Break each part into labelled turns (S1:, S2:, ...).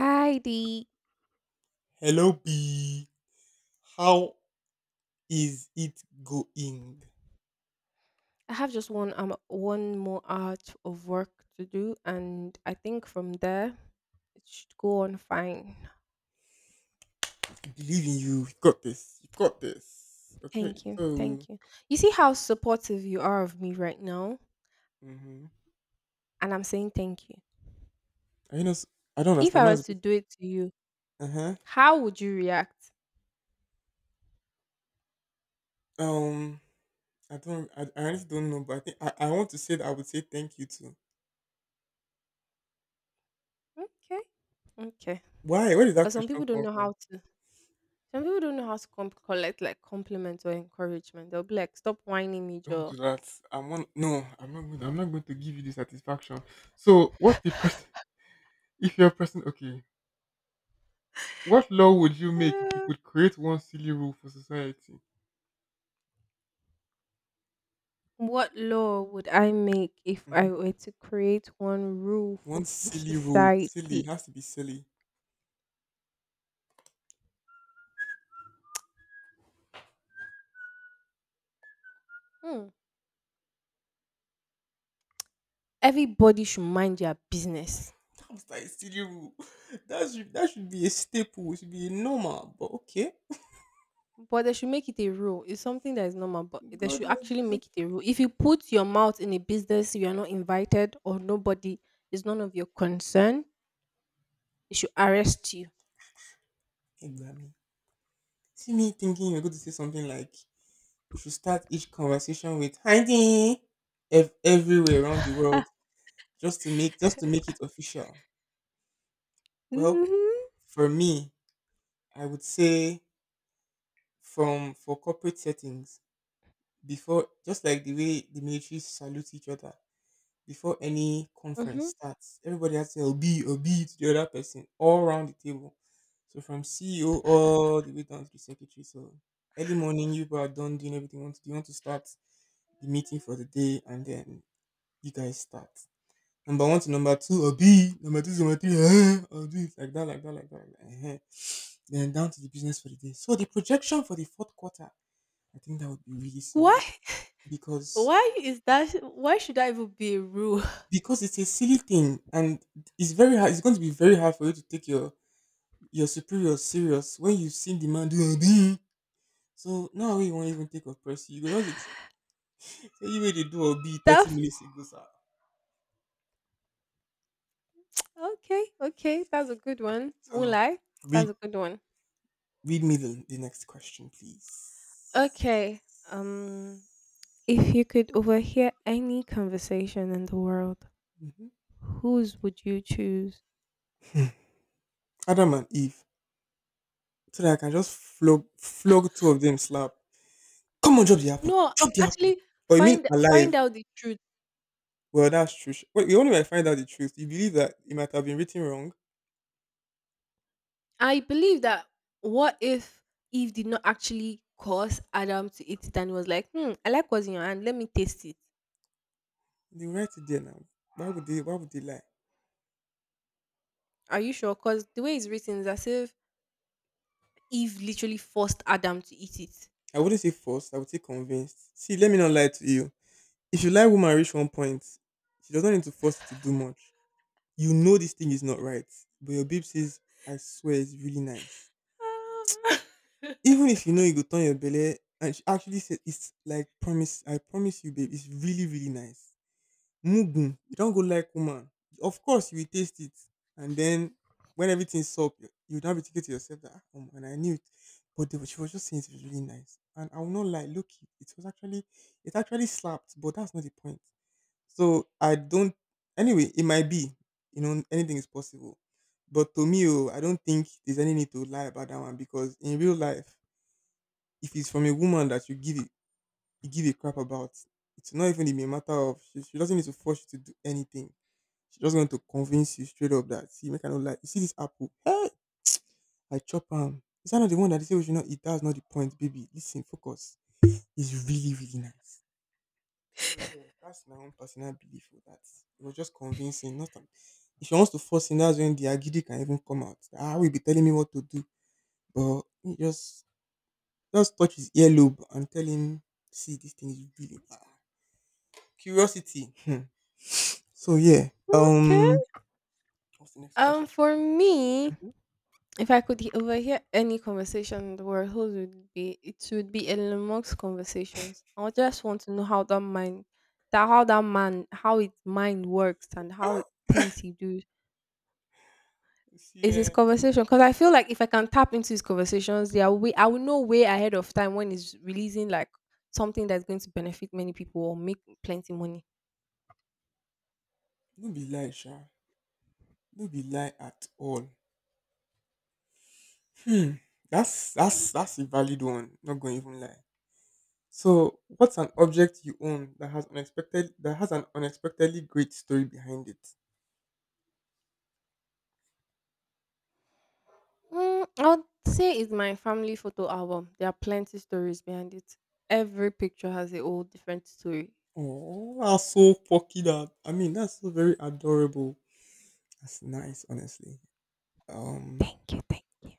S1: Hi Dee,
S2: Hello, B. How is it going?
S1: I have just one more hour of work to do, and I think from there it should go on fine.
S2: I believe in you. You've got this. You've got this. Okay,
S1: Thank you,
S2: so
S1: thank you. You see how supportive you are of me right now,
S2: mm-hmm.
S1: and I'm saying thank you.
S2: I you know s- I don't
S1: If
S2: understand.
S1: I
S2: Mine's
S1: was to do it to you,
S2: uh huh.
S1: how would you react?
S2: Um, I don't. I honestly don't know, but I think I want to say that I would say thank you too.
S1: Okay, okay.
S2: Why? Where did that
S1: Because some
S2: question
S1: people don't
S2: come
S1: know
S2: from?
S1: how to. Some people don't know how to collect like compliments or encouragement. They'll be like, "Stop whining me,
S2: Don't do
S1: Joe."
S2: that. I'm on. No, I'm not. Going I'm not going to give you the satisfaction. So, what's the person? If you're a person, okay. What law would you make if you could create one silly rule for society?
S1: What law would I make if I were to create one rule
S2: One
S1: for f-
S2: silly rule. Silly. It
S1: society?
S2: has to be silly.
S1: Hmm. Everybody should mind their business,
S2: That was like a silly rule. That should be a staple. It should be a normal. But okay.
S1: but they should make it a rule. It's something that is normal, but they
S2: God,
S1: should
S2: you-
S1: actually make it a rule. If you put your mouth in a business you are not invited or nobody is none of your concern, they should arrest you.
S2: hey, Grammy. See me thinking you're going to say something like, you should start each conversation with Heidi everywhere around the
S1: hmm
S2: world just to make it official. Well, for me, I would say from for corporate settings before just like the way the military salute each other before any conference
S1: hmm
S2: starts. Everybody has to tell B or B to the other person all around the table. So from CEO all the way down to the secretary. So early morning, you people are done doing everything you want to do. You want to start the meeting for the day, and then you guys start. Number one to number two, or B, number two to number three, eh, or do it like that, like that, like that. Like that. Eh, eh. Then down to the business for the day. So the projection for the fourth quarter, I think that would be really
S1: Why?
S2: silly because
S1: Why is that? Why should that even be a rule?
S2: it's a silly thing and it's going to be very hard for you to take your superior serious when you have seen the man do obi, so now we won't even take of press you go just, say you way they do obi 30
S1: That
S2: minutes ago sir.
S1: Okay, okay, that's a good one. Won't
S2: So
S1: lie,
S2: read
S1: that's a good one.
S2: read me the next question please.
S1: Okay, um, if you could overhear any conversation in the world,
S2: Hmm,
S1: whose would you choose?
S2: adam and eve, so that I can just flog two of them slap. Come on, drop the apple,
S1: No,
S2: drop the apple.
S1: actually,
S2: Or you mean
S1: find
S2: alive?
S1: find out the truth.
S2: Well, that's true. Sh- Wait, you only might find out the truth. You believe that it might have been written wrong.
S1: I believe that what if Eve did not actually cause Adam to eat it and was like, hmm, I like what's in your hand. Let me taste it.
S2: They write it there now. Why would they? Why would they lie?
S1: Are you sure? Because the way it's written is as if Eve literally forced Adam to eat it.
S2: I wouldn't say forced. I would say convinced. See, let me not lie to you. If you lie, woman, reach one point, she doesn't need to force you to do much. You know this thing is not right, but your babe says, "I swear, it's really nice."
S1: Uh,
S2: Even if you know you go turn your belly, and she actually says, "It's like promise. I promise you, babe. It's really, really nice." Mugun. You don't go like woman. Of course you will taste it. And then when everything's up, you now be thinking to yourself that and I knew it. But they, were- she was just saying it was really nice. And I will not lie, look it was actually it actually slapped, but that's not the point. So I don't anyway, it might be, you know, anything is possible. But to me, oh, I don't think there's any need to lie about that one because in real life, if it's from a woman that you give it you give a crap about. It's not even in a matter of she doesn't need to force you to do anything. She's just going to convince you straight up that see, make I not like you see this apple. Hey, I chop. Is that not the one that they say we should not eat? That's not the point, baby. Listen, focus. It's really, really nice. So yeah, that's my own personal belief for that. It was just convincing, not if she wants to force him, that's when the agidi can even come out. Ah, will be telling me what to do. But he just touch his earlobe and tell him, see, this thing is really ah. Curiosity. So yeah.
S1: okay.
S2: What's the next question?
S1: For me,
S2: Mhm.
S1: if I could overhear any conversation in the world, whose would be it would be Elon Musk's conversations. I just want to know how that mind, that how that man, how his mind works and how
S2: Ah,
S1: it thinks he do.
S2: you see,
S1: Is his
S2: eh,
S1: conversation because I feel like if I can tap into his conversations, there we I will know way ahead of time when he's releasing like something that's going to benefit many people or make plenty money.
S2: no be lie, sha. No be lie at all. Hmm. That's a valid one. Not going to even lie. So, what's an object you own that has an unexpectedly great story behind it?
S1: Mm, I would say it's my family photo album. There are plenty stories behind it. Every picture has a whole different story.
S2: Oh, that's so fucking. That. I mean, that's so very adorable. That's nice, honestly. Um,
S1: Thank you.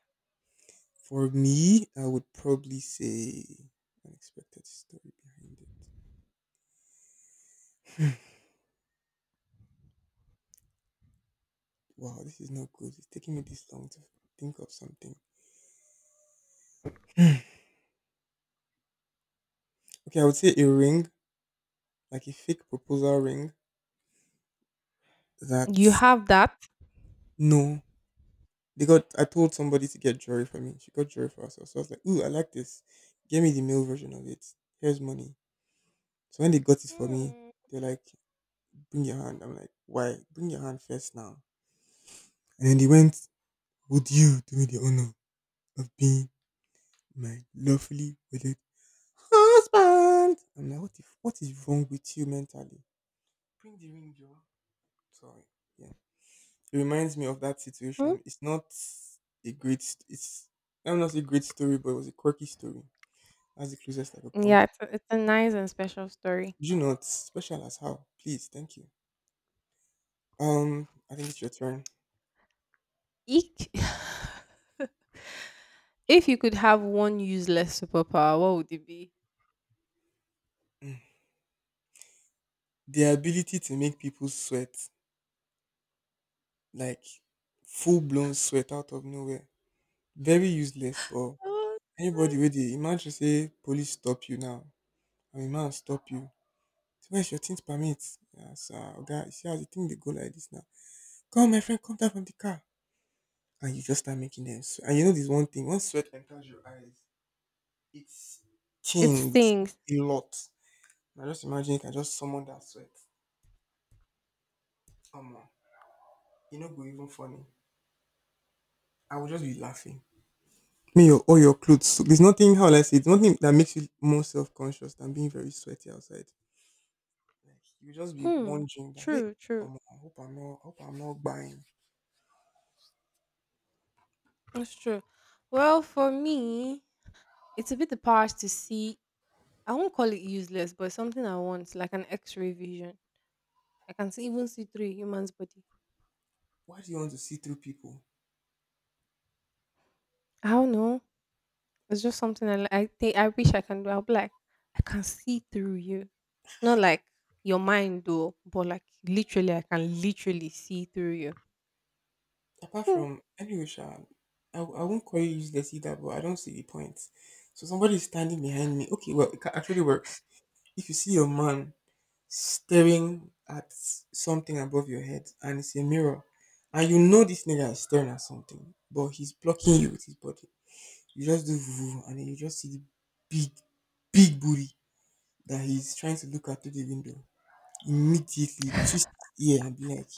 S2: for me, I would probably say unexpected story behind it. Wow, this is not good. It's taking me this long to think of something. Okay, I would say a ring, like a fake proposal ring. That
S1: You have that?
S2: no, they got. I told somebody to get jewelry for me. She got jewelry for herself. So I was like, "Ooh, I like this. Give me the male version of it. Here's money." So when they got it for me,
S1: Hmm.
S2: they're like, "Bring your hand." I'm like, "Why? Bring your hand first now." And then they went, "Would you do me the honor of being my lovely wedded husband?" I'm like, "What? If, what is wrong with you mentally? Bring the ring, Joe. Sorry. Yeah." It reminds me of that
S1: Hmm?
S2: situation. It's I'm not a great story, but it was a quirky story. That's the closest I could come to.
S1: Yeah, it's a nice and special story.
S2: Do not special as how. Please, thank you. I think it's your turn.
S1: Eek. if you could have one useless superpower, what would it be?
S2: Mm. The ability to make people sweat, like full blown sweat out of nowhere. Very useless, but
S1: Oh,
S2: anybody
S1: man.
S2: with it, imagine say police stop you now. I mean man stop you. So where's your things permit? Yeah, sir. Okay, you see how the thing they go like this now. Come, my friend, come down from the car. And you just start making them sweat. And you know this one thing, once sweat enters your eyes, it
S1: It
S2: stings
S1: stings.
S2: a lot. Now just imagine you can just summon that sweat. Come on. You know go even funny. I will just be laughing. Me, your all your clothes. So there's nothing how will I say it's nothing that makes you more self conscious than being very sweaty outside. Like you just be
S1: Hmm.
S2: wondering that hey,
S1: True.
S2: I hope I'm not buying.
S1: That's true. Well, for me, it's a bit the power to see I won't call it useless, but something I want, like an X-ray vision. I can see even see through a human's body.
S2: Why do you want to see through people?
S1: I don't know. It's just something I li- I think I wish I can do. I'll be like, I can see through you, not like your mind though, but like literally, I can literally see through you.
S2: Apart
S1: Hmm.
S2: from anyway, Sha, I won't call you useless either, but I don't see the point. So somebody is standing behind me. Okay, well, actually works. If you see your man staring at something above your head and it's a mirror, and you know this nigga is staring at something, but he's blocking you with his body, you just do voo, and then you just see the big, big booty that he's trying to look at through the window. Immediately twist his ear and be like,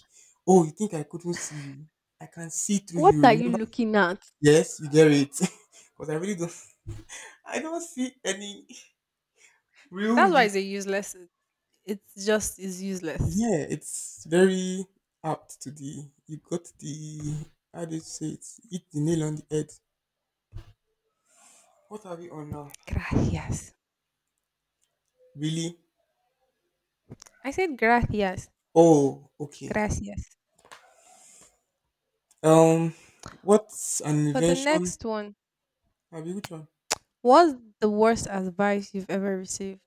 S2: oh, you think I couldn't see you? I can see through
S1: What are
S2: you.
S1: you looking at?
S2: Yes, you get it. Because I don't see any real
S1: That's why it's a
S2: use.
S1: useless. It's just is useless.
S2: Yeah, it's very apt to the, you got the, how do you say it? Hit the nail on the head. What are we on now?
S1: Gracias.
S2: Really?
S1: I said gracias.
S2: Oh, okay.
S1: Gracias.
S2: Um, what's an
S1: For the
S2: invention?
S1: next one,
S2: Have you which one?
S1: what's the worst advice you've ever received?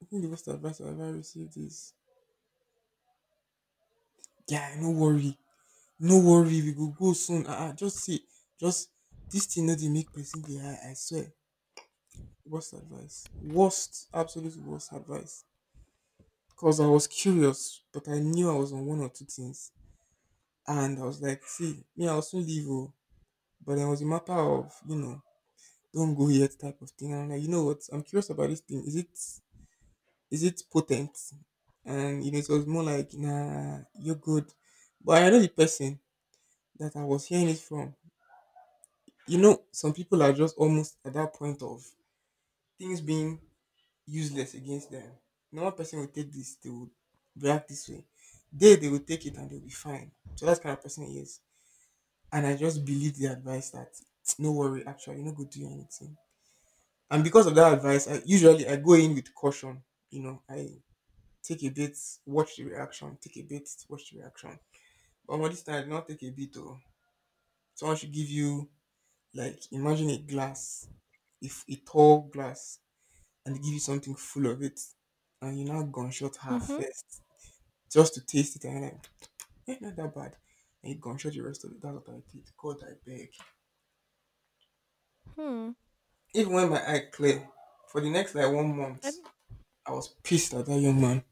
S2: I think the best advice I've ever received is, yeah, no worry, we go go soon. Ah, just see, just this thing no dey make person dey high. I swear, worst advice. Absolute worst advice. Because I was curious, but I knew I was on one or two things. And I was like, see, me, I'll soon leave. Oh. But then it was a matter of, you know, don't go yet type of thing. And I'm like, you know what? I'm curious about this thing. Is it potent? And you know, it was more like, nah, you're good. But I know the person that I was hearing it from. You know, some people are just almost at that point of things being useless against them. Normal person will take this, they will react this way. They will take it and they'll be fine. So that's the kind of person he is. And I just believe the advice that no worry, actually, no go do anything. And because of that advice, I go in with caution. You know, I take a bit, watch the reaction, take a bit, watch the reaction. But on this time, I did not take a bit though. Someone should give you like imagine a glass, if a tall glass, and they give you something full of it, and you now gunshot her
S1: Mm-hmm.
S2: first just to taste it and I'm like, eh, not that bad. And it gone shut the rest of it. That's what I did. God, I beg.
S1: Hmm.
S2: Even when my eye clear, for the next like one
S1: And
S2: month, I was pissed at that young man.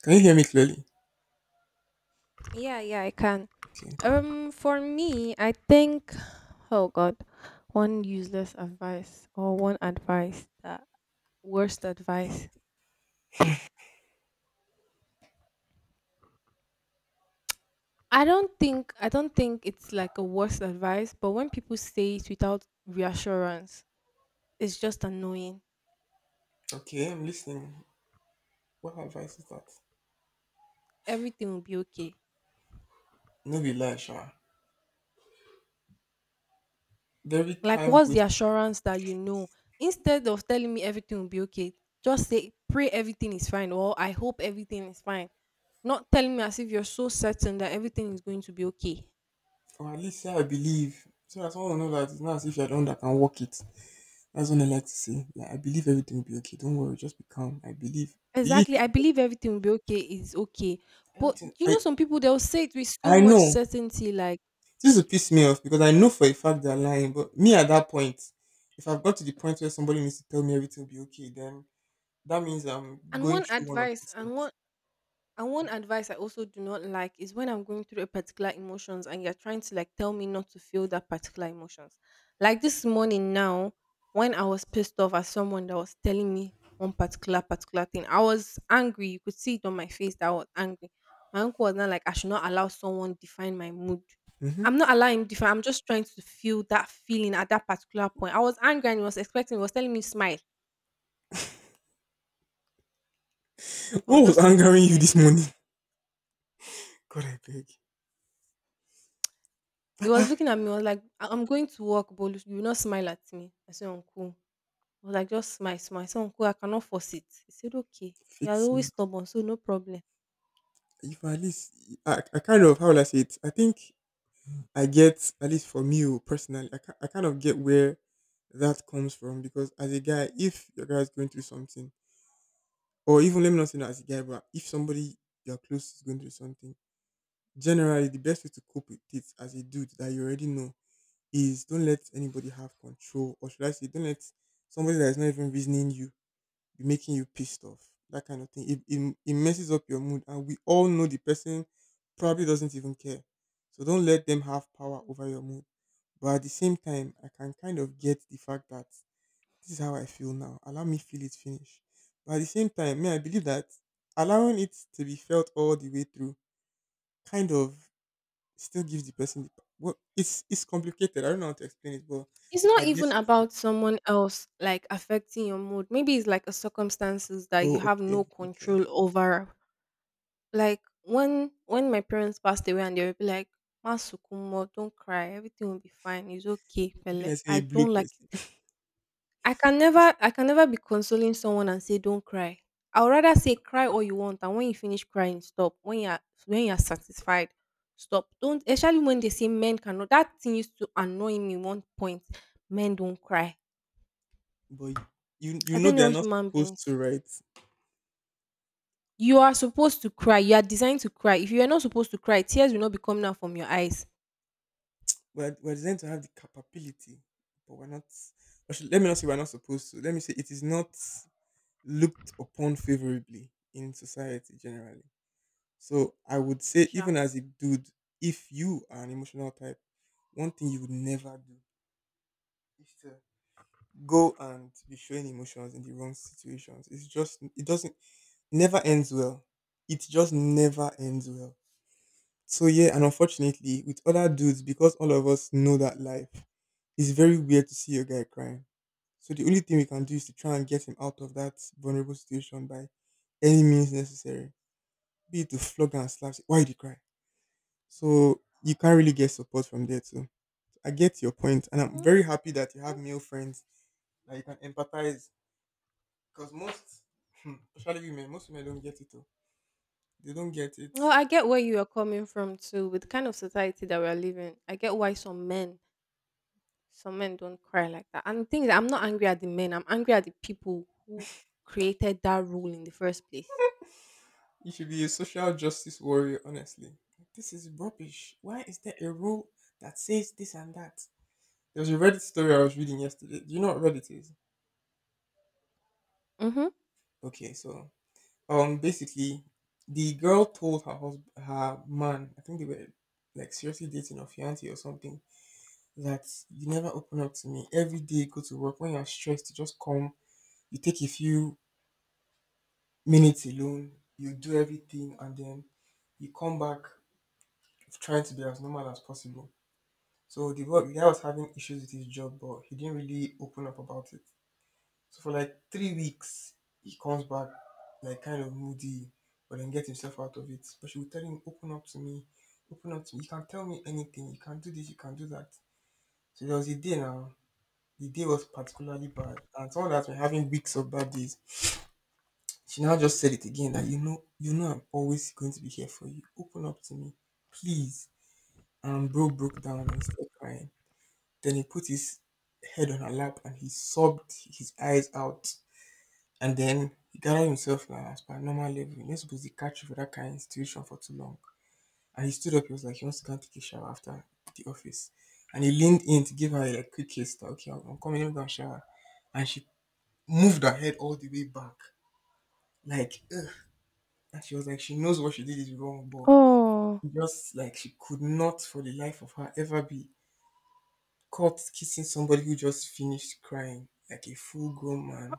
S2: Can you hear me clearly?
S1: yeah, yeah, I can.
S2: Okay.
S1: For me, I think, oh God, one useless advice or one advice that worst advice. I don't think it's like a worst advice, but when people say it without reassurance, it's just annoying.
S2: Okay, I'm listening. What advice is that?
S1: Everything will be okay.
S2: No be lie, Sha. Every
S1: Like,
S2: time
S1: what's
S2: we
S1: the assurance that you know? Instead of telling me everything will be okay, just say pray everything is fine or I hope everything is fine. Not telling me as if you're so certain that everything is going to be okay.
S2: or at least say I believe, so that someone will know that it's not as if you're the one that can walk it. That's what I like to say. Like, I believe everything will be okay. Don't worry, just be calm. I believe. Believe
S1: Exactly.
S2: it.
S1: I believe everything will be okay is okay. But
S2: Everything.
S1: you know, some people they'll say it with so
S2: I
S1: much
S2: know
S1: certainty, like
S2: this will piss me off because I know for a fact they're lying. But me at that point, if I've got to the point where somebody needs to tell me everything will be okay, then that means I'm
S1: and
S2: going
S1: one
S2: through one of
S1: advice and
S2: two
S1: one And one advice I also do not like is when I'm going through a particular emotions and you're trying to like tell me not to feel that particular emotions. Like this morning now, when I was pissed off at someone that was telling me one particular thing, I was angry. You could see it on my face that I was angry. My uncle was not like I should not allow someone define my mood.
S2: things. Hmm.
S1: I'm not allowing him define. I'm just trying to feel that feeling at that particular point. I was angry and he was expecting. He was telling me smile. I was
S2: What was
S1: just looking at
S2: angering
S1: him
S2: you
S1: like
S2: this
S1: this.
S2: morning? God, I beg,
S1: He was looking at me, was like, "I'm going to work, but you will not smile at me. I said, Uncle. I was like, just smile, smile. I said, Uncle, I cannot force it. He said, Okay. You are
S2: fix me.
S1: always stubborn, so no problem."
S2: If at least I kind of, how will I say it? I think I get, at least for me, oh, personally, I kind of get where that comes from, because as a guy, if your guy is going through something, or even, let me not say that, as a guy, but if somebody you're close is going through something, generally the best way to cope with it as a dude that you already know is don't let anybody have control, or should I say, don't let somebody that is not even reasoning you be making you pissed off. That kind of thing, it messes up your mood, and we all know the person probably doesn't even care. So don't let them have power over your mood. But at the same time, I can kind of get the fact that this is how I feel now, allow me feel it finish. But at the same time may I believe that allowing it to be felt all the way through kind of still gives the person the power. Well, it's complicated. I don't know how to explain it, but
S1: It's
S2: I
S1: not
S2: guess,
S1: even about someone else like affecting your mood. Maybe it's like a circumstances that
S2: oh
S1: you have
S2: okay,
S1: no
S2: okay.
S1: control over. Like when my parents passed away and they would be like, Masukumo, don't cry, everything will be fine. It's okay,
S2: It could be
S1: fella.
S2: like
S1: I
S2: saying a blue
S1: don't like.
S2: person.
S1: I can never be consoling someone and say don't cry. I would rather say cry all you want and when you finish crying, stop. When you are satisfied, stop. Don't especially when they say men cannot that thing used to annoy me one point. Men don't cry.
S2: But you, you
S1: I
S2: know
S1: don't
S2: they
S1: know
S2: are not
S1: human
S2: supposed
S1: beings.
S2: to write.
S1: You are supposed to cry. You are designed to cry. If you are not supposed to cry, tears will not be coming out from your eyes.
S2: We're designed to have the capability, but we're not, or should, let me not say we're not supposed to. Let me say it is not looked upon favorably in society generally. So I would
S1: True,
S2: say,
S1: Sha.
S2: even as a dude, if you are an emotional type, one thing you would never do is to go and be showing emotions in the wrong situations. It's just, it never ends well. It just never ends well. So yeah, and unfortunately with other dudes, because all of us know that life, it's very weird to see a guy crying. So the only thing we can do is to try and get him out of that vulnerable situation by any means necessary. Be it to flog and slap, say, why did you cry? So you can't really get support from there too. I get your point, and I'm very happy that you have
S1: Mhm.
S2: male friends that you can empathize. Because most, especially women, most women don't get it. Though. They don't get it.
S1: Well, I get where you are coming from too, with the kind of society that we are living. I get why some men. Some men don't cry like that. And the thing is, I'm not angry at the men. I'm angry at the people who created that rule in the first place.
S2: You should be a social justice warrior, honestly. This is rubbish. Why is there a rule that says this and that? There was a Reddit story I was reading yesterday. Do you know what Reddit is?
S1: Mm-hmm.
S2: Okay, so basically, the girl told her husband, her man, I think they were like seriously dating or fiance or something, that you never open up to me. Every day, go to work. When you're stressed, you just come. You take a few minutes alone, you do everything, and then you come back trying to be as normal as possible. So the boy, the guy was having issues with his job, but he didn't really open up about it. So for like 3 weeks, he comes back like kind of moody, but then gets himself out of it. But she would tell him, "Open up to me, open up to me. You can tell me anything. You can do this. You can do that." So there was a day now. The day was particularly bad, and someone that's been having weeks of bad days, she now just said it again that, you know, I'm always going to be here for you. Open up to me, please. And bro broke down and started crying. Then he put his head on her lap and he sobbed his eyes out. And then he gathered himself now as per normal level. You're not supposed to catch you for that kind of situation for too long. And he stood up, he was like, he wants to go and take a shower after the office. And he leaned in to give her a like, quick kiss that, okay, I'm coming, let me go and shower. And she moved her head all the way back. Like, ugh. And she was like, she knows what she did is wrong, but
S1: Oh,
S2: just like she could not for the life of her ever be caught kissing somebody who just finished crying, like a full grown man.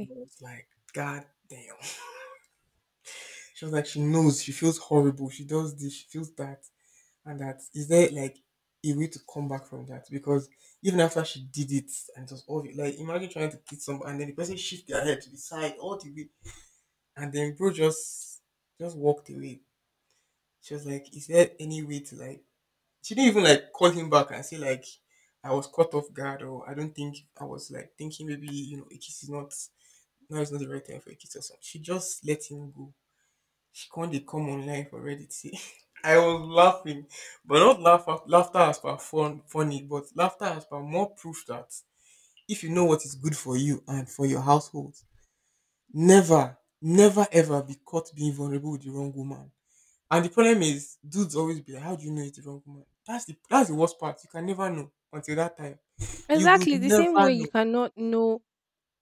S2: I was like, God damn. She was like, she knows, she feels horrible, she does this, she feels that, and that. Is there like a way to come back from that? Because even after she did it, and it was obvious, like imagine trying to kiss somebody and then the person shift their head to the side all the way, and then bro just walked away. She was like, is there any way to like, she didn't even like call him back and say like, I was caught off guard, or I don't think, I was like thinking maybe, a kiss is not, now is not the right time for a kiss or something. She just let him go. She can't they come online for Reddit. See? I was laughing, but not laughter as per funny, but laughter as per more proof that if you know what is good for you and for your household, never, never ever be caught being vulnerable with the wrong woman. And the problem is dudes always be like, "How do you know it's the wrong woman?" That's the worst part. You can never know until that time. You will
S1: Exactly the
S2: never
S1: same way
S2: know.
S1: you cannot know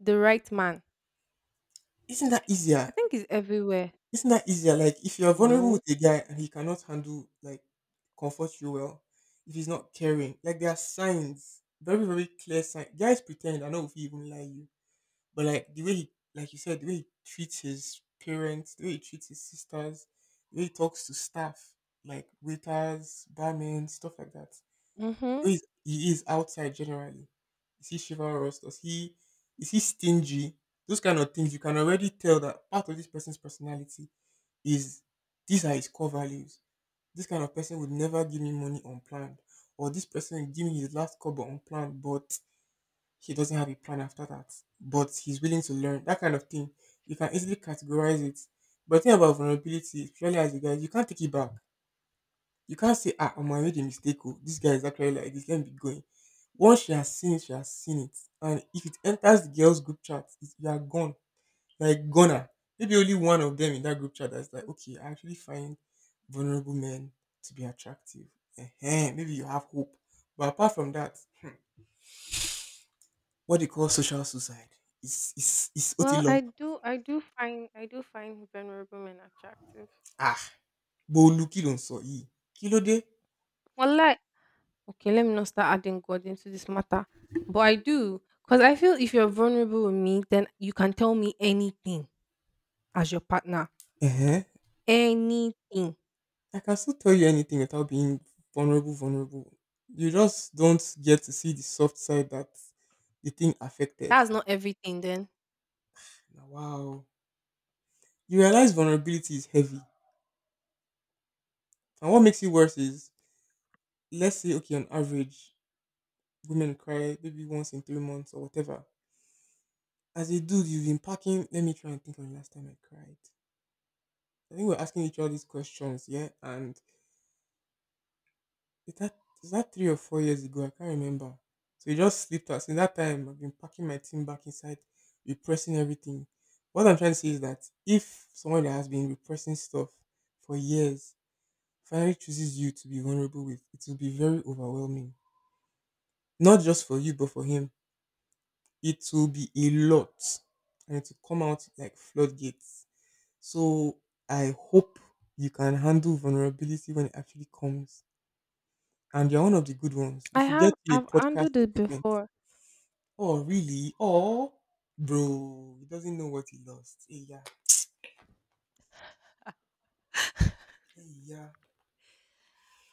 S1: the right man.
S2: Isn't that
S1: I
S2: easier?
S1: think it's everywhere.
S2: Isn't that easier? Like if you're vulnerable
S1: No.
S2: with a guy and he cannot handle like comfort you well, if he's not caring, like there are signs, very very clear signs. Guys pretend. I know if he even lie you, but like the way he, like you said, the way he treats his parents, the way he treats his sisters, the way he talks to staff, like waiters, barmen, stuff like that.
S1: Mm-hmm.
S2: He is, he is outside generally. Is he chivalrous? Does he, is he stingy? Those kind of things, you can already tell that part of this person's personality is, these are his core values. This kind of person would never give me money unplanned, or this person give me his last cover unplanned, but he doesn't have a plan after that. But he's willing to learn, that kind of thing. You can easily categorize it. But the thing about vulnerability, especially as a guy, you can't take it back. You can't say, ah, Omo, I made a mistake. Oh, this guy is actually like this. Let me be going. Once she has seen it, she has seen it. And if it enters the girls' group chat, it's, you are gone. Like, goner. Maybe only one of them in that group chat that's like, okay, I actually find vulnerable men to be attractive. Maybe you have hope. But apart from that, what they call social suicide is
S1: Well,
S2: otilo.
S1: I do. I do find vulnerable men attractive.
S2: Ah, but look, you don't saw e. Kilo
S1: Well, like okay, let me not start adding God into this matter, but I do because I feel if you're vulnerable with me, then you can tell me anything as your partner.
S2: de.
S1: Anything.
S2: I can still tell you anything without being vulnerable. You just don't get to see the soft side that the thing affected.
S1: That's not everything then.
S2: Now, wow. You realize vulnerability is heavy. And what makes it worse is, let's say, okay, on average, women cry maybe once in 3 months or whatever. As a dude, you've been packing. Let me try and think of the last time I cried. I think we're asking each other these questions, yeah? And is that, 3 or 4 years ago? I can't remember. So it just slipped us. In that time, I've been packing my team back inside, repressing everything. What I'm trying to say is that if someone that has been repressing stuff for years finally chooses you to be vulnerable with, it will be very overwhelming. Not just for you, but for him. It will be a lot. And it will come out like floodgates. So I hope you can handle vulnerability when it actually comes. And you're one of the good ones. We
S1: I
S2: should get
S1: have
S2: you
S1: I've
S2: a podcast
S1: handled it
S2: equipment.
S1: before.
S2: Oh, really? Oh, bro, he doesn't know what he lost. Hey, yeah. Hey, yeah.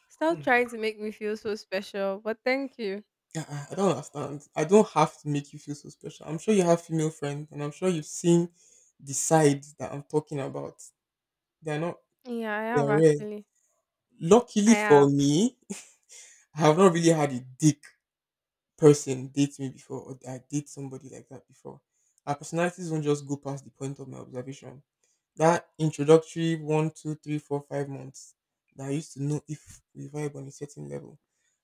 S1: Stop
S2: Mm.
S1: trying to make me feel so special, but thank you.
S2: Uh-uh, I don't understand. I don't have to make you feel so special. I'm sure you have female friends, and I'm sure you've seen the sides that I'm talking about. They're not,
S1: Yeah, I have
S2: they're rare.
S1: actually.
S2: Luckily
S1: I
S2: for
S1: have.
S2: me, I have not really had a dick person date me before or I date somebody like that before. Our personalities won't just go past the point of my observation. That introductory one, two, three, four, 5 months that I used to know if we vibe on a certain level,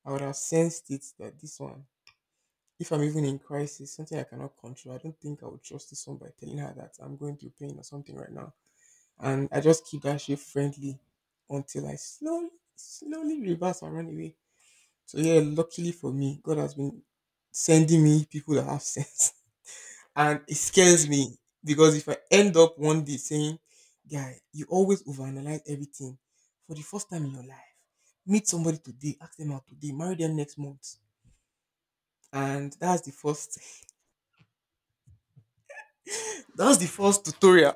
S2: I would have sensed it that this one, if I'm even in crisis, something I cannot control, I don't think I would trust this one by telling her that I'm going through pain or something right now. And I just keep that shit friendly until I slowly, slowly reverse and run away. So yeah, luckily for me, God has been sending me people that have sense. And it scares me because if I end up one day saying, guy, you always overanalyze everything for the first time in your life. Meet somebody today, ask them out today, marry them next month. And that's the first that's the first tutorial.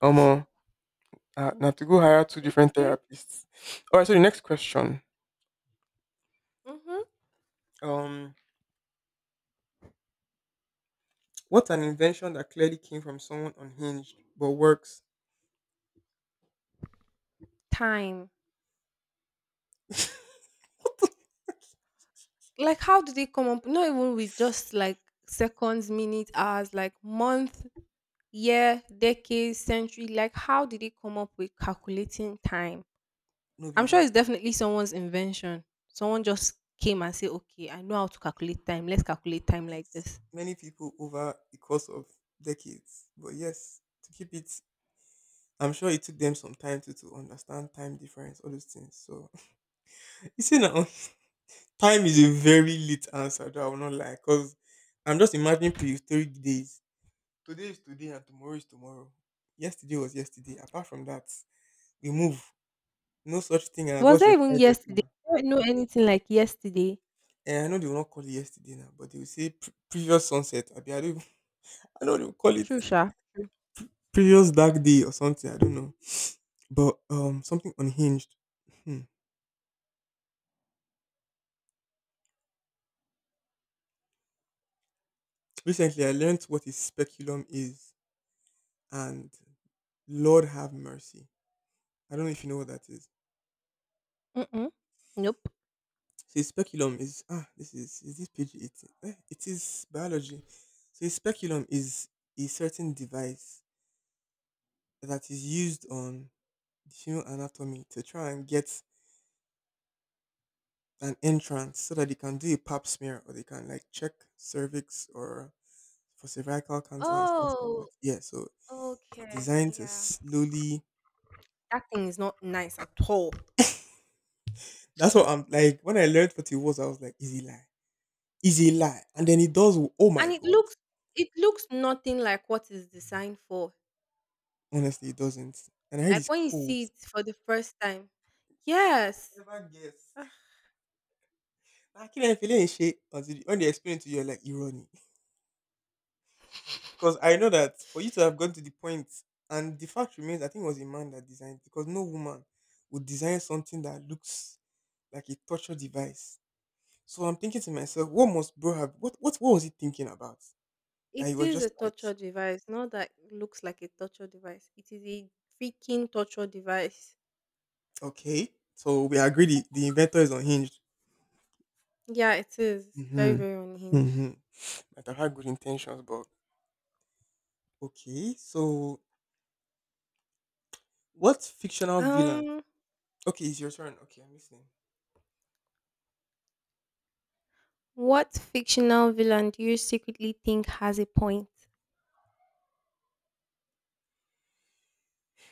S2: Um Now to go hire two different
S1: Okay.
S2: therapists. Alright, so the next question.
S1: Mm-hmm.
S2: Um what's an invention that clearly came from someone unhinged but works?
S1: Time. Like, how do they come up? Not even with just like seconds, minutes, hours, like month, year, decades, century. Like, how did they come up with calculating time?
S2: No be
S1: I'm sure
S2: lie.
S1: it's definitely someone's invention. Someone just came and said, okay, I know how to calculate time. Let's calculate time like
S2: Yes.
S1: this.
S2: Many people over the course of decades. But yes, to keep it, I'm sure it took them some time to understand time difference, all those things. So, you see now, time is a very late answer that I will not lie. Because I'm just imagining prehistoric days. Today is today and tomorrow is tomorrow. Yesterday was yesterday. Apart from that, we move. No such thing as
S1: Was
S2: what's
S1: that
S2: your
S1: even
S2: five-year
S1: yesterday?
S2: plan.
S1: I don't know anything like yesterday.
S2: And I know they will not call it yesterday now, but they will say previous sunset. I, don't, even- I know they will call it
S1: True, sha.
S2: previous dark day or something. I don't know. But something unhinged. Hmm. Recently, I learned what a speculum is, and Lord have mercy. I don't know if you know what that is.
S1: Mm-mm. Nope.
S2: So a speculum is ah, this is this page 18? Eh, it is biology. So a speculum is a certain device that is used on the human anatomy to try and get an entrance so that they can do a pap smear or they can like check cervix or for cervical cancer and stuff like
S1: Oh,
S2: that. Yeah, so it's
S1: okay.
S2: designed to
S1: Yeah.
S2: slowly.
S1: That thing is not nice at all.
S2: That's what I'm like. When I learned what it was, I was like, "Is he lie? Is he lie?" And then it does. Oh
S1: And
S2: my
S1: it
S2: god!
S1: looks it looks nothing like what it's designed for.
S2: Honestly, it doesn't. And I heard
S1: Like
S2: it's
S1: when you
S2: cold.
S1: see it for the first time. Yes.
S2: Never guess.
S1: Ugh.
S2: I can't feel any shit until when they explain to you, you're like irony. Because I know that for you to have gone to the point, and the fact remains, I think it was a man that designed. Because no woman would design something that looks like a torture device. So I'm thinking to myself, what must bro have? What was he thinking about? That he
S1: It
S2: was
S1: is
S2: just
S1: a
S2: like,
S1: torture device. Not that it looks like a torture device. It is a freaking torture device.
S2: okay, so we agreed the inventor is unhinged.
S1: Yeah, it is. Very,
S2: Mhm.
S1: very unhinged.
S2: Mhm. Might have had good intentions, but okay. So, what fictional villain?
S1: Um.
S2: Okay, it's your turn. Okay, I'm listening.
S1: What fictional villain do you secretly think has a point?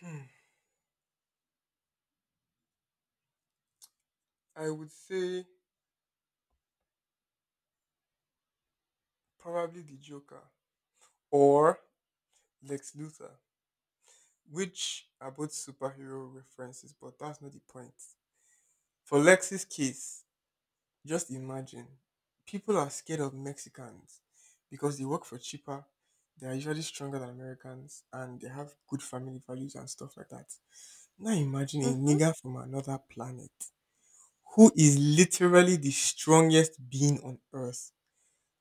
S2: Hmm. I would say probably the Joker or Lex Luthor, which are both superhero references, but that's not the point. For Lex's case, just imagine people are scared of Mexicans because they work for cheaper, they are usually stronger than Americans, and they have good family values and stuff like that. Now imagine a
S1: Mm-hmm.
S2: nigger from another planet who is literally the strongest being on earth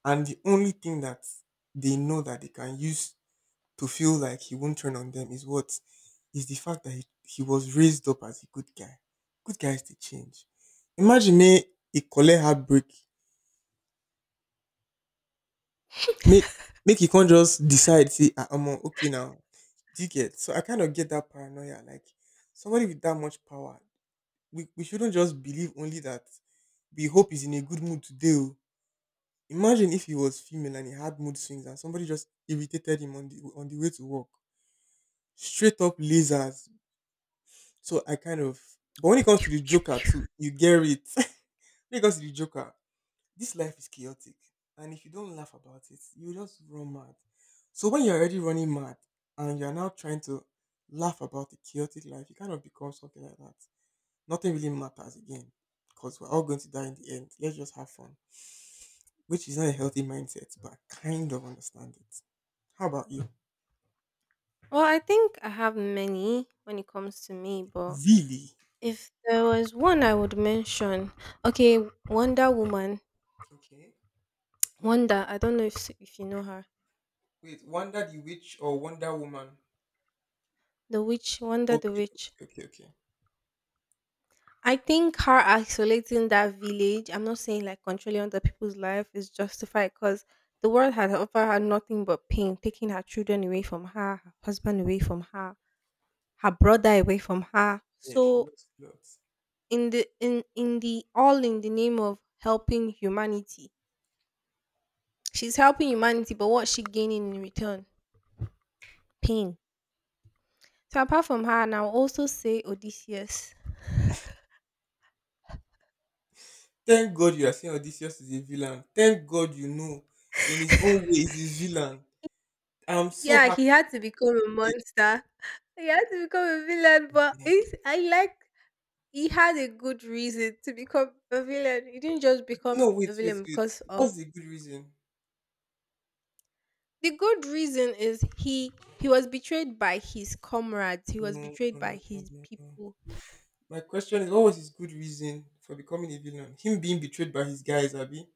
S2: and the only thing that they know that they can use to feel like he won't turn on them is what is the fact that he was raised up as a good guy. Good guys they change. Imagine me, a collect heartbreak. Make make he can't just decide say ah omo, okay now. Do you get so I kind of get that paranoia like somebody with that much power we shouldn't just believe only that we hope he's in a good mood today. Oh. Imagine if he was female and he had mood swings and somebody just irritated him on the way to work. Straight up lasers. So I kind of but when it comes to the Joker too, you get it. When it comes to the Joker, this life is chaotic. And if you don't laugh about it, you just run mad. So when you're already running mad and you're now trying to laugh about the chaotic life, you kind of become something like that. Nothing really matters again because we're all going to die in the end. Let's just have fun, which is not a healthy mindset, but I kind of understand it. How about you?
S1: Well, I think I have many when it comes to me, but
S2: Really?
S1: if there was one I would mention, okay, Wonder Woman.
S2: Okay.
S1: Wonder, I don't know if you know her.
S2: Wait, Wonder the Witch or Wonder Woman?
S1: The witch, Wonder the
S2: Okay,
S1: witch.
S2: okay, okay, okay.
S1: I think her isolating that village, I'm not saying like controlling other people's life is justified because the world had offered her nothing but pain, taking her children away from her, her husband away from her, her brother away from her.
S2: Yeah, she
S1: So
S2: looks lots.
S1: in the all in the name of helping humanity. She's helping humanity, but what's she gaining in return? Pain. So apart from her, and I'll also say Odysseus.
S2: Thank God you are saying Odysseus is a villain. Thank God you know in his own way he's his villain. I'm so
S1: Yeah,
S2: happy.
S1: he had to become a monster. He had to become a villain, but
S2: Yeah.
S1: it's, I like he had a good reason to become a villain. He didn't just become
S2: No, wait,
S1: a
S2: wait,
S1: villain
S2: wait.
S1: because of
S2: What's the good reason?
S1: the good reason is he was betrayed by his comrades. He was
S2: No,
S1: betrayed
S2: no,
S1: by
S2: no, no,
S1: his
S2: no. no.
S1: people.
S2: My question is, what was his good reason for becoming a villain? Him being betrayed by his guys, Abby.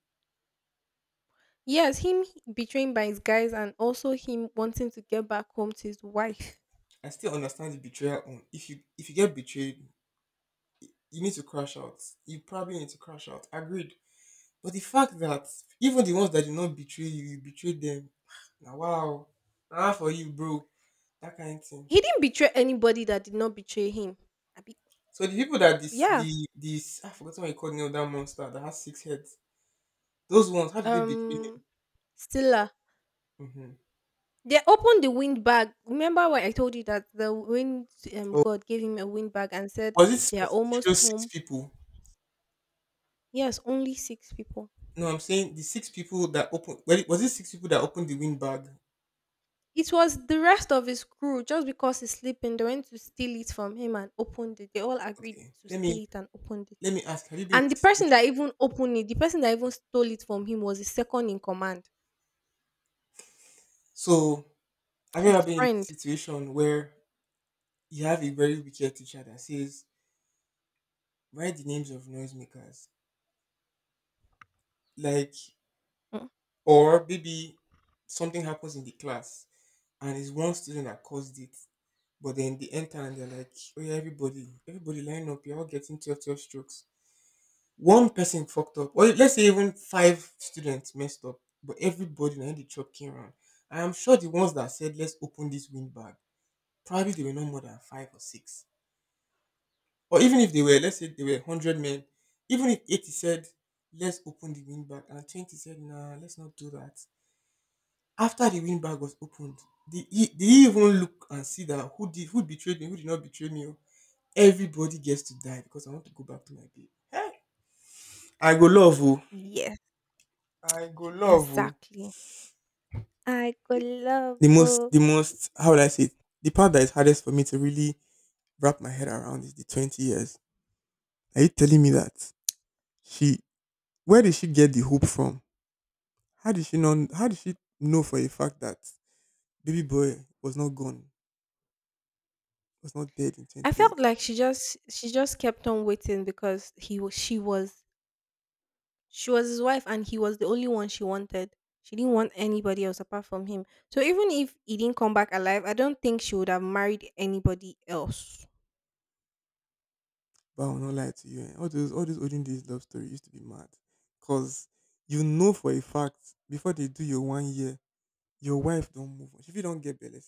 S1: Yes, him betraying by his guys and also him wanting to get back home to his wife.
S2: I still understand the betrayal. On if you get betrayed, you need to crash out. You probably need to crash out. Agreed. But the fact that even the ones that did not betray you, you betrayed them. Now, wow, ah for you, bro. That kind of thing.
S1: He didn't betray anybody that did not betray him. I
S2: So the people that this
S1: yeah.
S2: the this I forgot what you called Neil, that monster that has six heads. Those ones, how did they betray
S1: Um.
S2: him?
S1: Stilla.
S2: Hmm.
S1: They opened the wind bag. Remember when I told you that the wind
S2: Or
S1: god gave him a wind bag and said
S2: was it
S1: they are almost
S2: specifically those six
S1: home.
S2: people?
S1: Yes, only six people.
S2: No, I'm saying the six people that opened. Well, was it six people that opened the windbag?
S1: It was the rest of his crew. Just because he's sleeping, they went to steal it from him and opened it. They all agreed
S2: Okay.
S1: to
S2: Let me
S1: steal it and opened it.
S2: let me ask. Have you been in
S1: And the
S2: this
S1: person
S2: situation?
S1: that even opened it, the person that even stole it from him was his second in command,
S2: So have you
S1: his
S2: ever been in this
S1: friend.
S2: situation where you have a very wicked teacher that says write the names of noisemakers, like,
S1: Mm.
S2: or maybe something happens in the class and it's one student that caused it, but then they enter and they're like, oh yeah, everybody, everybody line up. You're all getting twelve strokes. One person fucked up or let's say even five students messed up, but everybody na him the chop came round. I am sure the ones that said let's open this windbag probably they were not more than five or six, or even if they were, let's say they were 100 men, even if 80 said let's open the windbag and 20 said nah let's not do that. After the windbag was opened, did he even look and see that who did, who betrayed me, who did not betray me o. Everybody gets to die because I want to go back to my babe, hey, I go love you.
S1: Yes,
S2: I go love o.
S1: exactly. I could love.
S2: The most how would I say it? The part that is hardest for me to really wrap my head around is the 20 years. Are you telling me that she where did she get the hope from? How did she know for a fact that baby boy was not gone, was not dead in 20
S1: I felt
S2: years?
S1: like she just kept on waiting because he was she was She was his wife and he was the only one she wanted. She didn't want anybody else apart from him. So even if he didn't come back alive, I don't think she would have married anybody else.
S2: But I will not lie to you. All those all these olden days love story used to be mad. Cause you know for a fact before they do your 1 year, your wife don't move on. If you don't get better,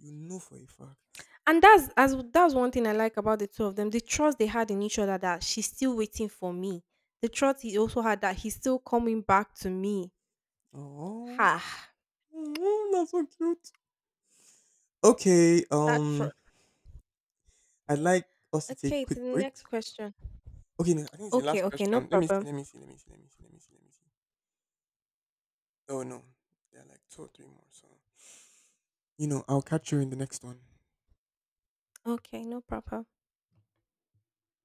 S2: you know for a fact.
S1: And that's as that's one thing I like about the two of them. The trust they had in each other that she's still waiting for me. The trust he also had that he's still coming back to me.
S2: Oh.
S1: Ha.
S2: Oh, that's so cute. Okay,
S1: That trust.
S2: I'd like us to take a
S1: Okay,
S2: quick
S1: to the
S2: break.
S1: next question.
S2: Okay, no, I think it's the
S1: Okay,
S2: last
S1: okay, no
S2: question. Let me see,
S1: problem.
S2: let me see, let me see, let me see, let me see, let me see. Oh no, there are like two or three more. So you know, I'll catch you in the next one.
S1: Okay, no problem.